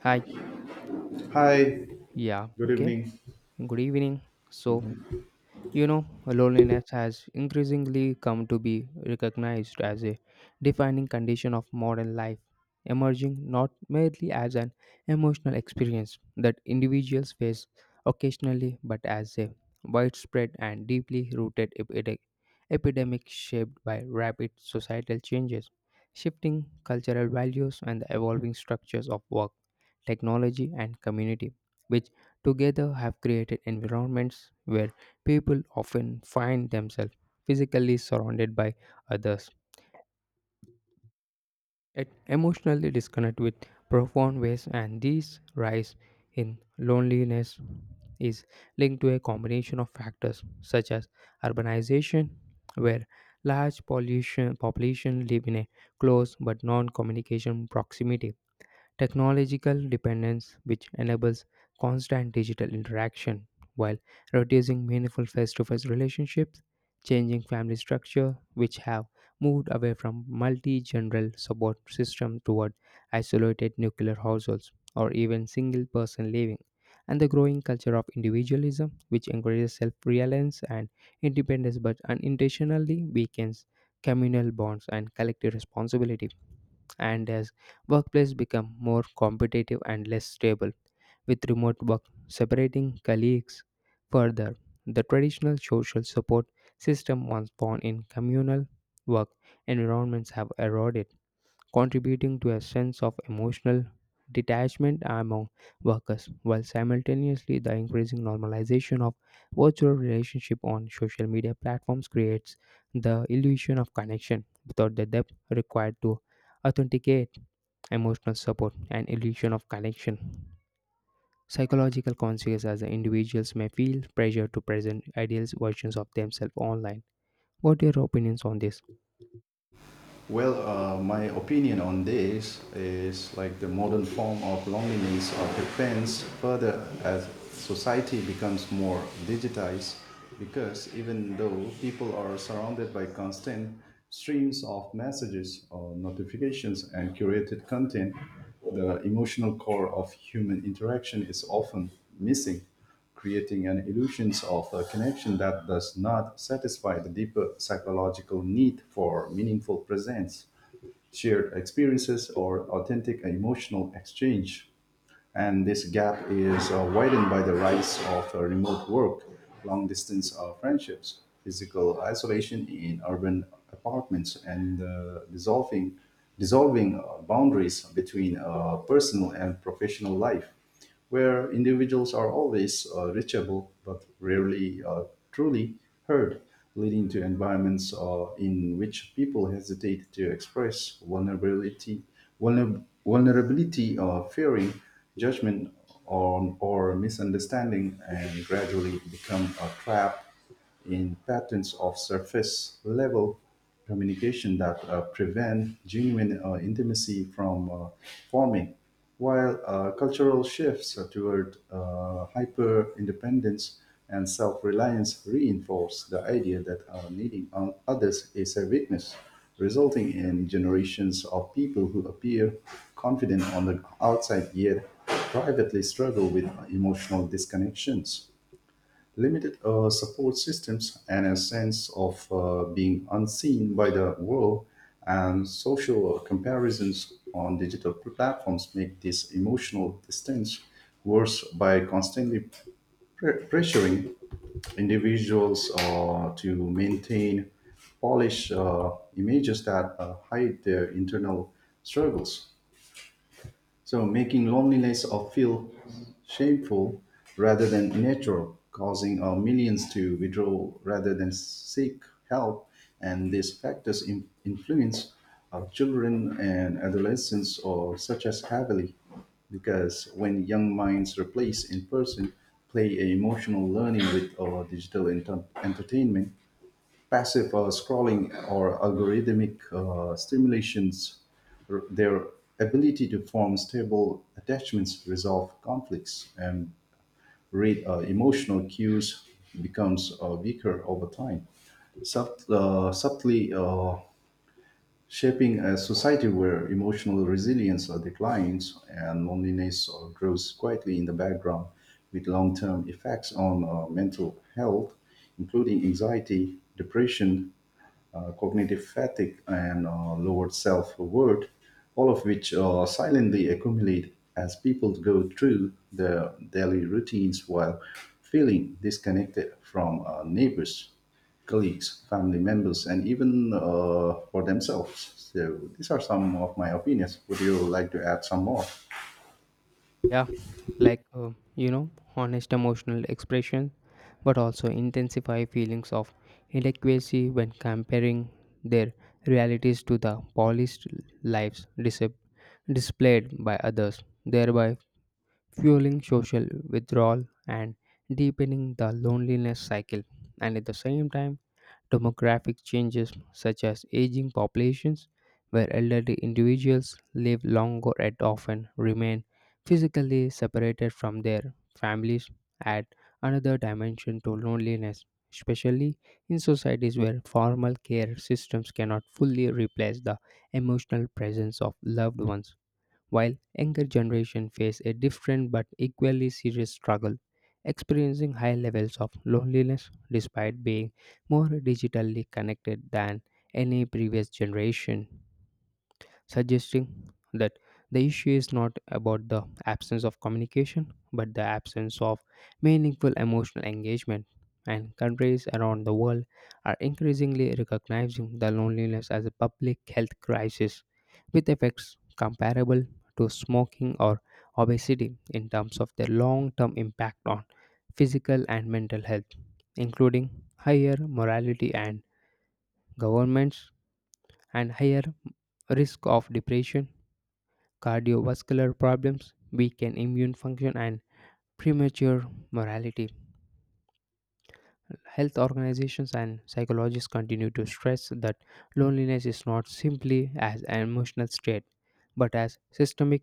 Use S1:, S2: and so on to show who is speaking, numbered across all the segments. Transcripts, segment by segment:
S1: Hi,
S2: Hi,
S1: yeah,
S2: good
S1: okay,
S2: evening.
S1: good evening. So, you know, loneliness has increasingly come to be recognized as a defining condition of modern life, emerging not merely as an emotional experience that individuals face occasionally, but as a widespread and deeply rooted epidemic shaped by rapid societal changes, shifting cultural values, and the evolving structures of work, technology, and community, which together have created environments where people often find themselves physically surrounded by others, yet emotionally disconnected with profound ways, and this rise in loneliness is linked to a combination of factors such as urbanization, where large pollution population live in a close but non-communication proximity technological dependence, which enables constant digital interaction while reducing meaningful face to face relationships, changing family structure, which have moved away from multi general support system toward isolated nuclear households or even single person living, and the growing culture of individualism, which encourages self reliance and independence but unintentionally weakens communal bonds and collective responsibility. And as workplace become more competitive and less stable, with remote work separating colleagues further, the traditional social support system once found in communal work environments have eroded, contributing to a sense of emotional detachment among workers, while simultaneously the increasing normalization of virtual relationship on social media platforms creates the illusion of connection without the depth required to authenticate emotional support, and illusion of connection. Psychological consequences as the individuals may feel pressure to present ideal versions of themselves online. What are your opinions on this?
S2: My opinion on this is like the modern form of loneliness or depends further as society becomes more digitized because even though people are surrounded by constant streams of messages or notifications and curated content, the emotional core of human interaction is often missing creating an illusions of a connection that does not satisfy the deeper psychological need for meaningful presence, shared experiences, or authentic emotional exchange. And this gap is widened by the rise of remote work, long distance friendships, physical isolation in urban apartments, and dissolving boundaries between personal and professional life where individuals are always reachable but rarely truly heard, leading to environments in which people hesitate to express vulnerability, vulnerability fearing judgment or misunderstanding, and gradually become a trap in patterns of surface level communication that prevent genuine intimacy from forming, while cultural shifts toward hyper independence and self reliance reinforce the idea that needing on others is a weakness, resulting in generations of people who appear confident on the outside yet privately struggle with emotional disconnections limited support systems, and a sense of being unseen by the world, and social comparisons on digital platforms make this emotional distance worse by constantly pressuring individuals to maintain polished images that hide their internal struggles. So making loneliness of feel shameful rather than natural, causing our millions to withdraw rather than seek help, and these factors influence our children and adolescents or such as heavily, because when young minds replace in-person play emotional learning with our digital entertainment, passive scrolling or algorithmic stimulations, their ability to form stable attachments, resolve conflicts, and read emotional cues becomes weaker over time, subtly shaping a society where emotional resilience declines and loneliness grows quietly in the background, with long term effects on mental health, including anxiety, depression, cognitive fatigue, and lowered self worth, all of which silently accumulate as people go through their daily routines while feeling disconnected from neighbors, colleagues, family members, and even for themselves. So, these are some of my opinions. Would you like to add some more?
S1: Yeah, like you know, honest emotional expression, but also intensify feelings of inadequacy when comparing their realities to the polished lives displayed by others, thereby fueling social withdrawal and deepening the loneliness cycle. And at the same time, demographic changes such as aging populations, where elderly individuals live longer and often remain physically separated from their families, add another dimension to loneliness, especially in societies where formal care systems cannot fully replace the emotional presence of loved ones while younger generation face a different but equally serious struggle, experiencing high levels of loneliness despite being more digitally connected than any previous generation suggesting that the issue is not about the absence of communication but the absence of meaningful emotional engagement. And countries around the world are increasingly recognizing the loneliness as a public health crisis with effects comparable to smoking or obesity in terms of their long term impact on physical and mental health, including higher morality and governments and higher risk of depression cardiovascular problems, weakened immune function, and premature mortality. Health organizations and psychologists continue to stress that loneliness is not simply as an emotional state, but as systemic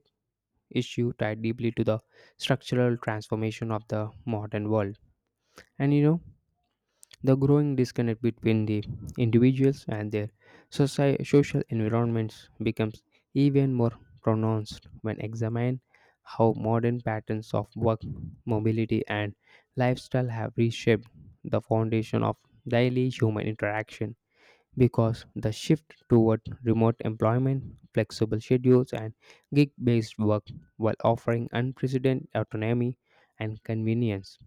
S1: issue tied deeply to the structural transformation of the modern world. And you know, the growing disconnect between the individuals and their social environments becomes even more pronounced when examined how modern patterns of work, mobility, and lifestyle have reshaped the foundation of daily human interaction. Because the shift toward remote employment, flexible schedules, and gig based work, while offering unprecedented autonomy and convenience,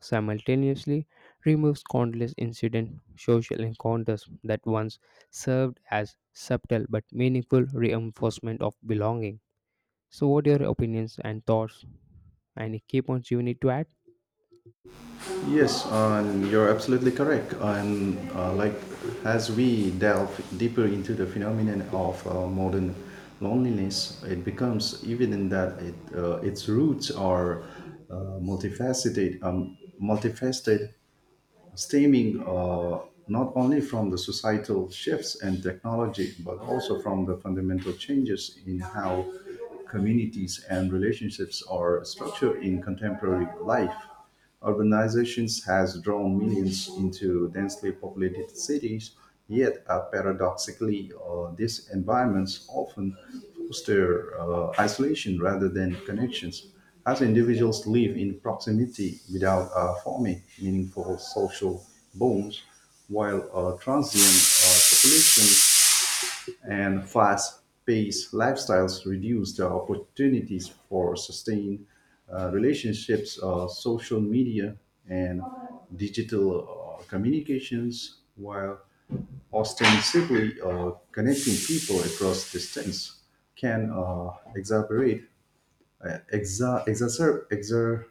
S1: simultaneously removes countless incident social encounters that once served as subtle but meaningful reinforcement of belonging. So, what are your opinions and thoughts? Any key points you need to add?
S2: Yes, and you're absolutely correct. And as we delve deeper into the phenomenon of modern loneliness, it becomes evident that its roots are multifaceted stemming not only from the societal shifts and technology, but also from the fundamental changes in how communities and relationships are structured in contemporary life. Urbanizations has drawn millions into densely populated cities, yet paradoxically, these environments often foster isolation rather than connections as individuals live in proximity without forming meaningful social bonds, while transient population and fast paced lifestyles reduce the opportunities for sustained relationships, social media and digital communications, while ostensibly connecting people across distance can exacerbate, exa- exacerb, exacer-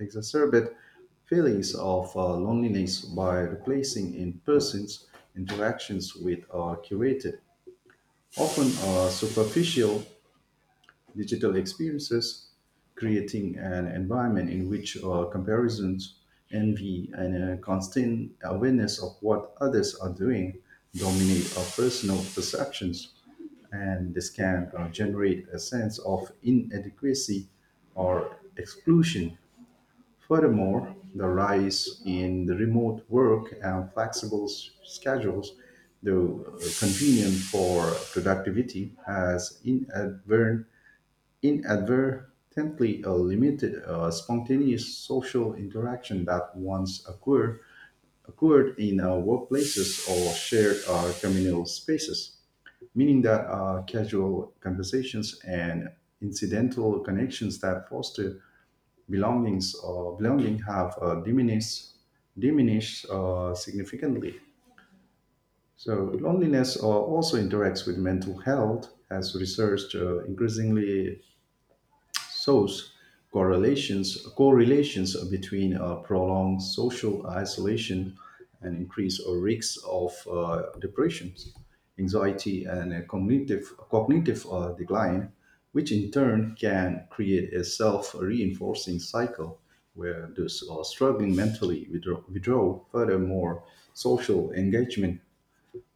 S2: exacerbate feelings of loneliness by replacing in person's interactions with curated, often superficial digital experiences, creating an environment in which comparisons, envy, and a constant awareness of what others are doing dominate our personal perceptions. And this can generate a sense of inadequacy or exclusion. Furthermore, the rise in the remote work and flexible schedules, though convenient for productivity, has inadvertently limited spontaneous social interaction that once occurred in workplaces or shared communal spaces, meaning that casual conversations and incidental connections that foster belongings or belonging have diminished significantly. So loneliness also interacts with mental health, as research increasingly shows correlations between prolonged social isolation and increase or risks of depression, anxiety, and a cognitive decline, which in turn can create a self-reinforcing cycle where those struggling mentally withdraw. Furthermore, social engagement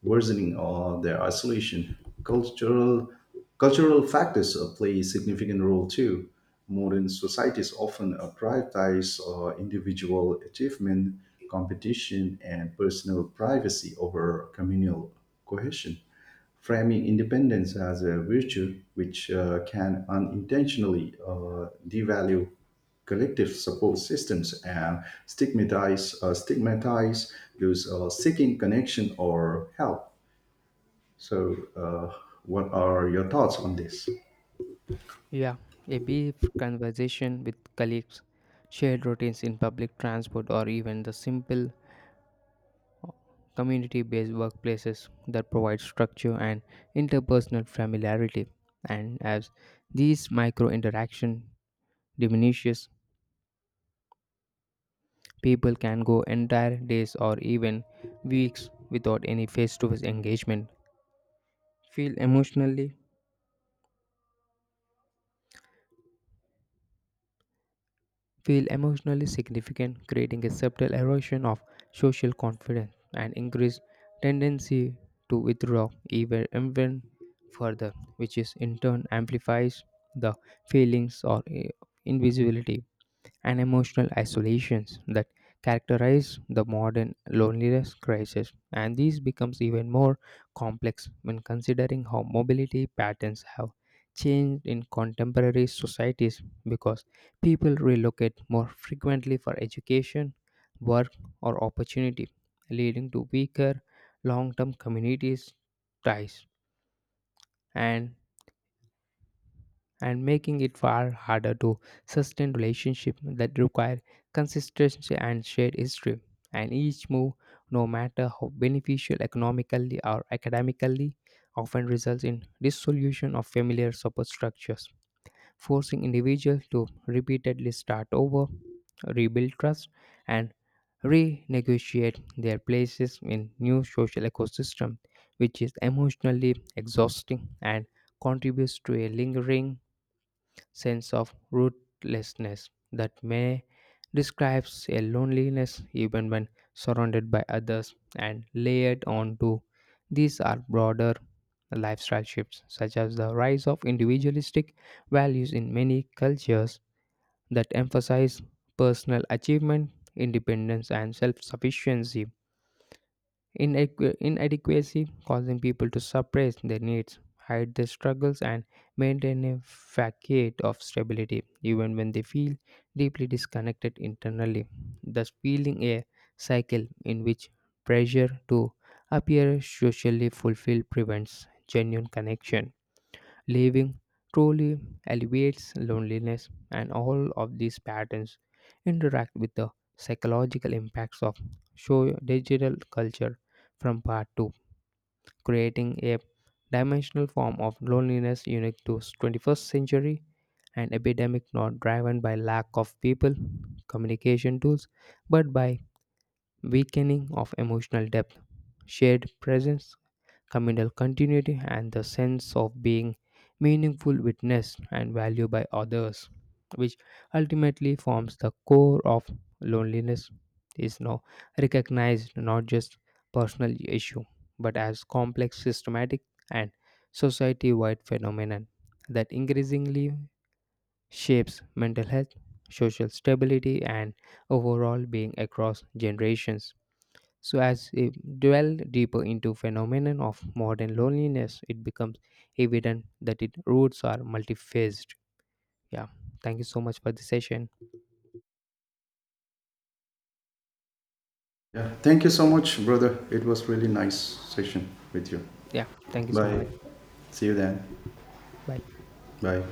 S2: worsening or their isolation. Cultural cultural factors play a significant role too. Modern societies often prioritize individual achievement, competition, and personal privacy over communal cohesion, framing independence as a virtue which can unintentionally devalue collective support systems and stigmatize those seeking connection or help. So, what are your thoughts on this?
S1: Yeah, a brief conversation with colleagues, shared routines in public transport, or even the simple community based workplaces that provide structure and interpersonal familiarity. And as these micro interaction diminishes, people can go entire days or even weeks without any face-to-face engagement. Feel emotionally feel emotionally significant, creating a subtle erosion of social confidence and increased tendency to withdraw even further, which is in turn amplifies the feelings or invisibility and emotional isolations that characterize the modern loneliness crisis and these becomes even more complex when considering how mobility patterns have changed in contemporary societies because people relocate more frequently for education, work, or opportunity, leading to weaker long-term communities ties and making it far harder to sustain relationships that require consistency and shared history. And each move, no matter how beneficial economically or academically, often results in dissolution of familiar support structures, forcing individuals to repeatedly start over, rebuild trust, and renegotiate their places in new social ecosystem which is emotionally exhausting and contributes to a lingering sense of rootlessness that may describes a loneliness even when surrounded by others and layered onto these are broader lifestyle shifts such as the rise of individualistic values in many cultures that emphasize personal achievement independence and self-sufficiency inadequacy causing people to suppress their needs, hide their struggles, and maintain a facade of stability, even when they feel deeply disconnected internally, thus feeling a cycle in which pressure to appear socially fulfilled prevents genuine connection. Living truly alleviates loneliness, and all of these patterns interact with the psychological impacts of show digital culture from part 2, creating a dimensional form of loneliness unique to 21st century an epidemic not driven by lack of people communication tools but by weakening of emotional depth shared presence communal continuity, and the sense of being meaningful, witnessed, and valued by others, which ultimately forms the core of loneliness, is now recognized not just personal issue but as complex systematic and society-wide phenomenon that increasingly shapes mental health social stability and overall being across generations so as we dwell deeper into phenomenon of modern loneliness, it becomes evident that its roots are multifaceted. Yeah. Thank you so much for the session.
S2: Yeah, thank you so much, brother. It was really nice session with you.
S1: Yeah. Thank you so
S2: Bye.
S1: much. Bye.
S2: See you then.
S1: Bye.
S2: Bye.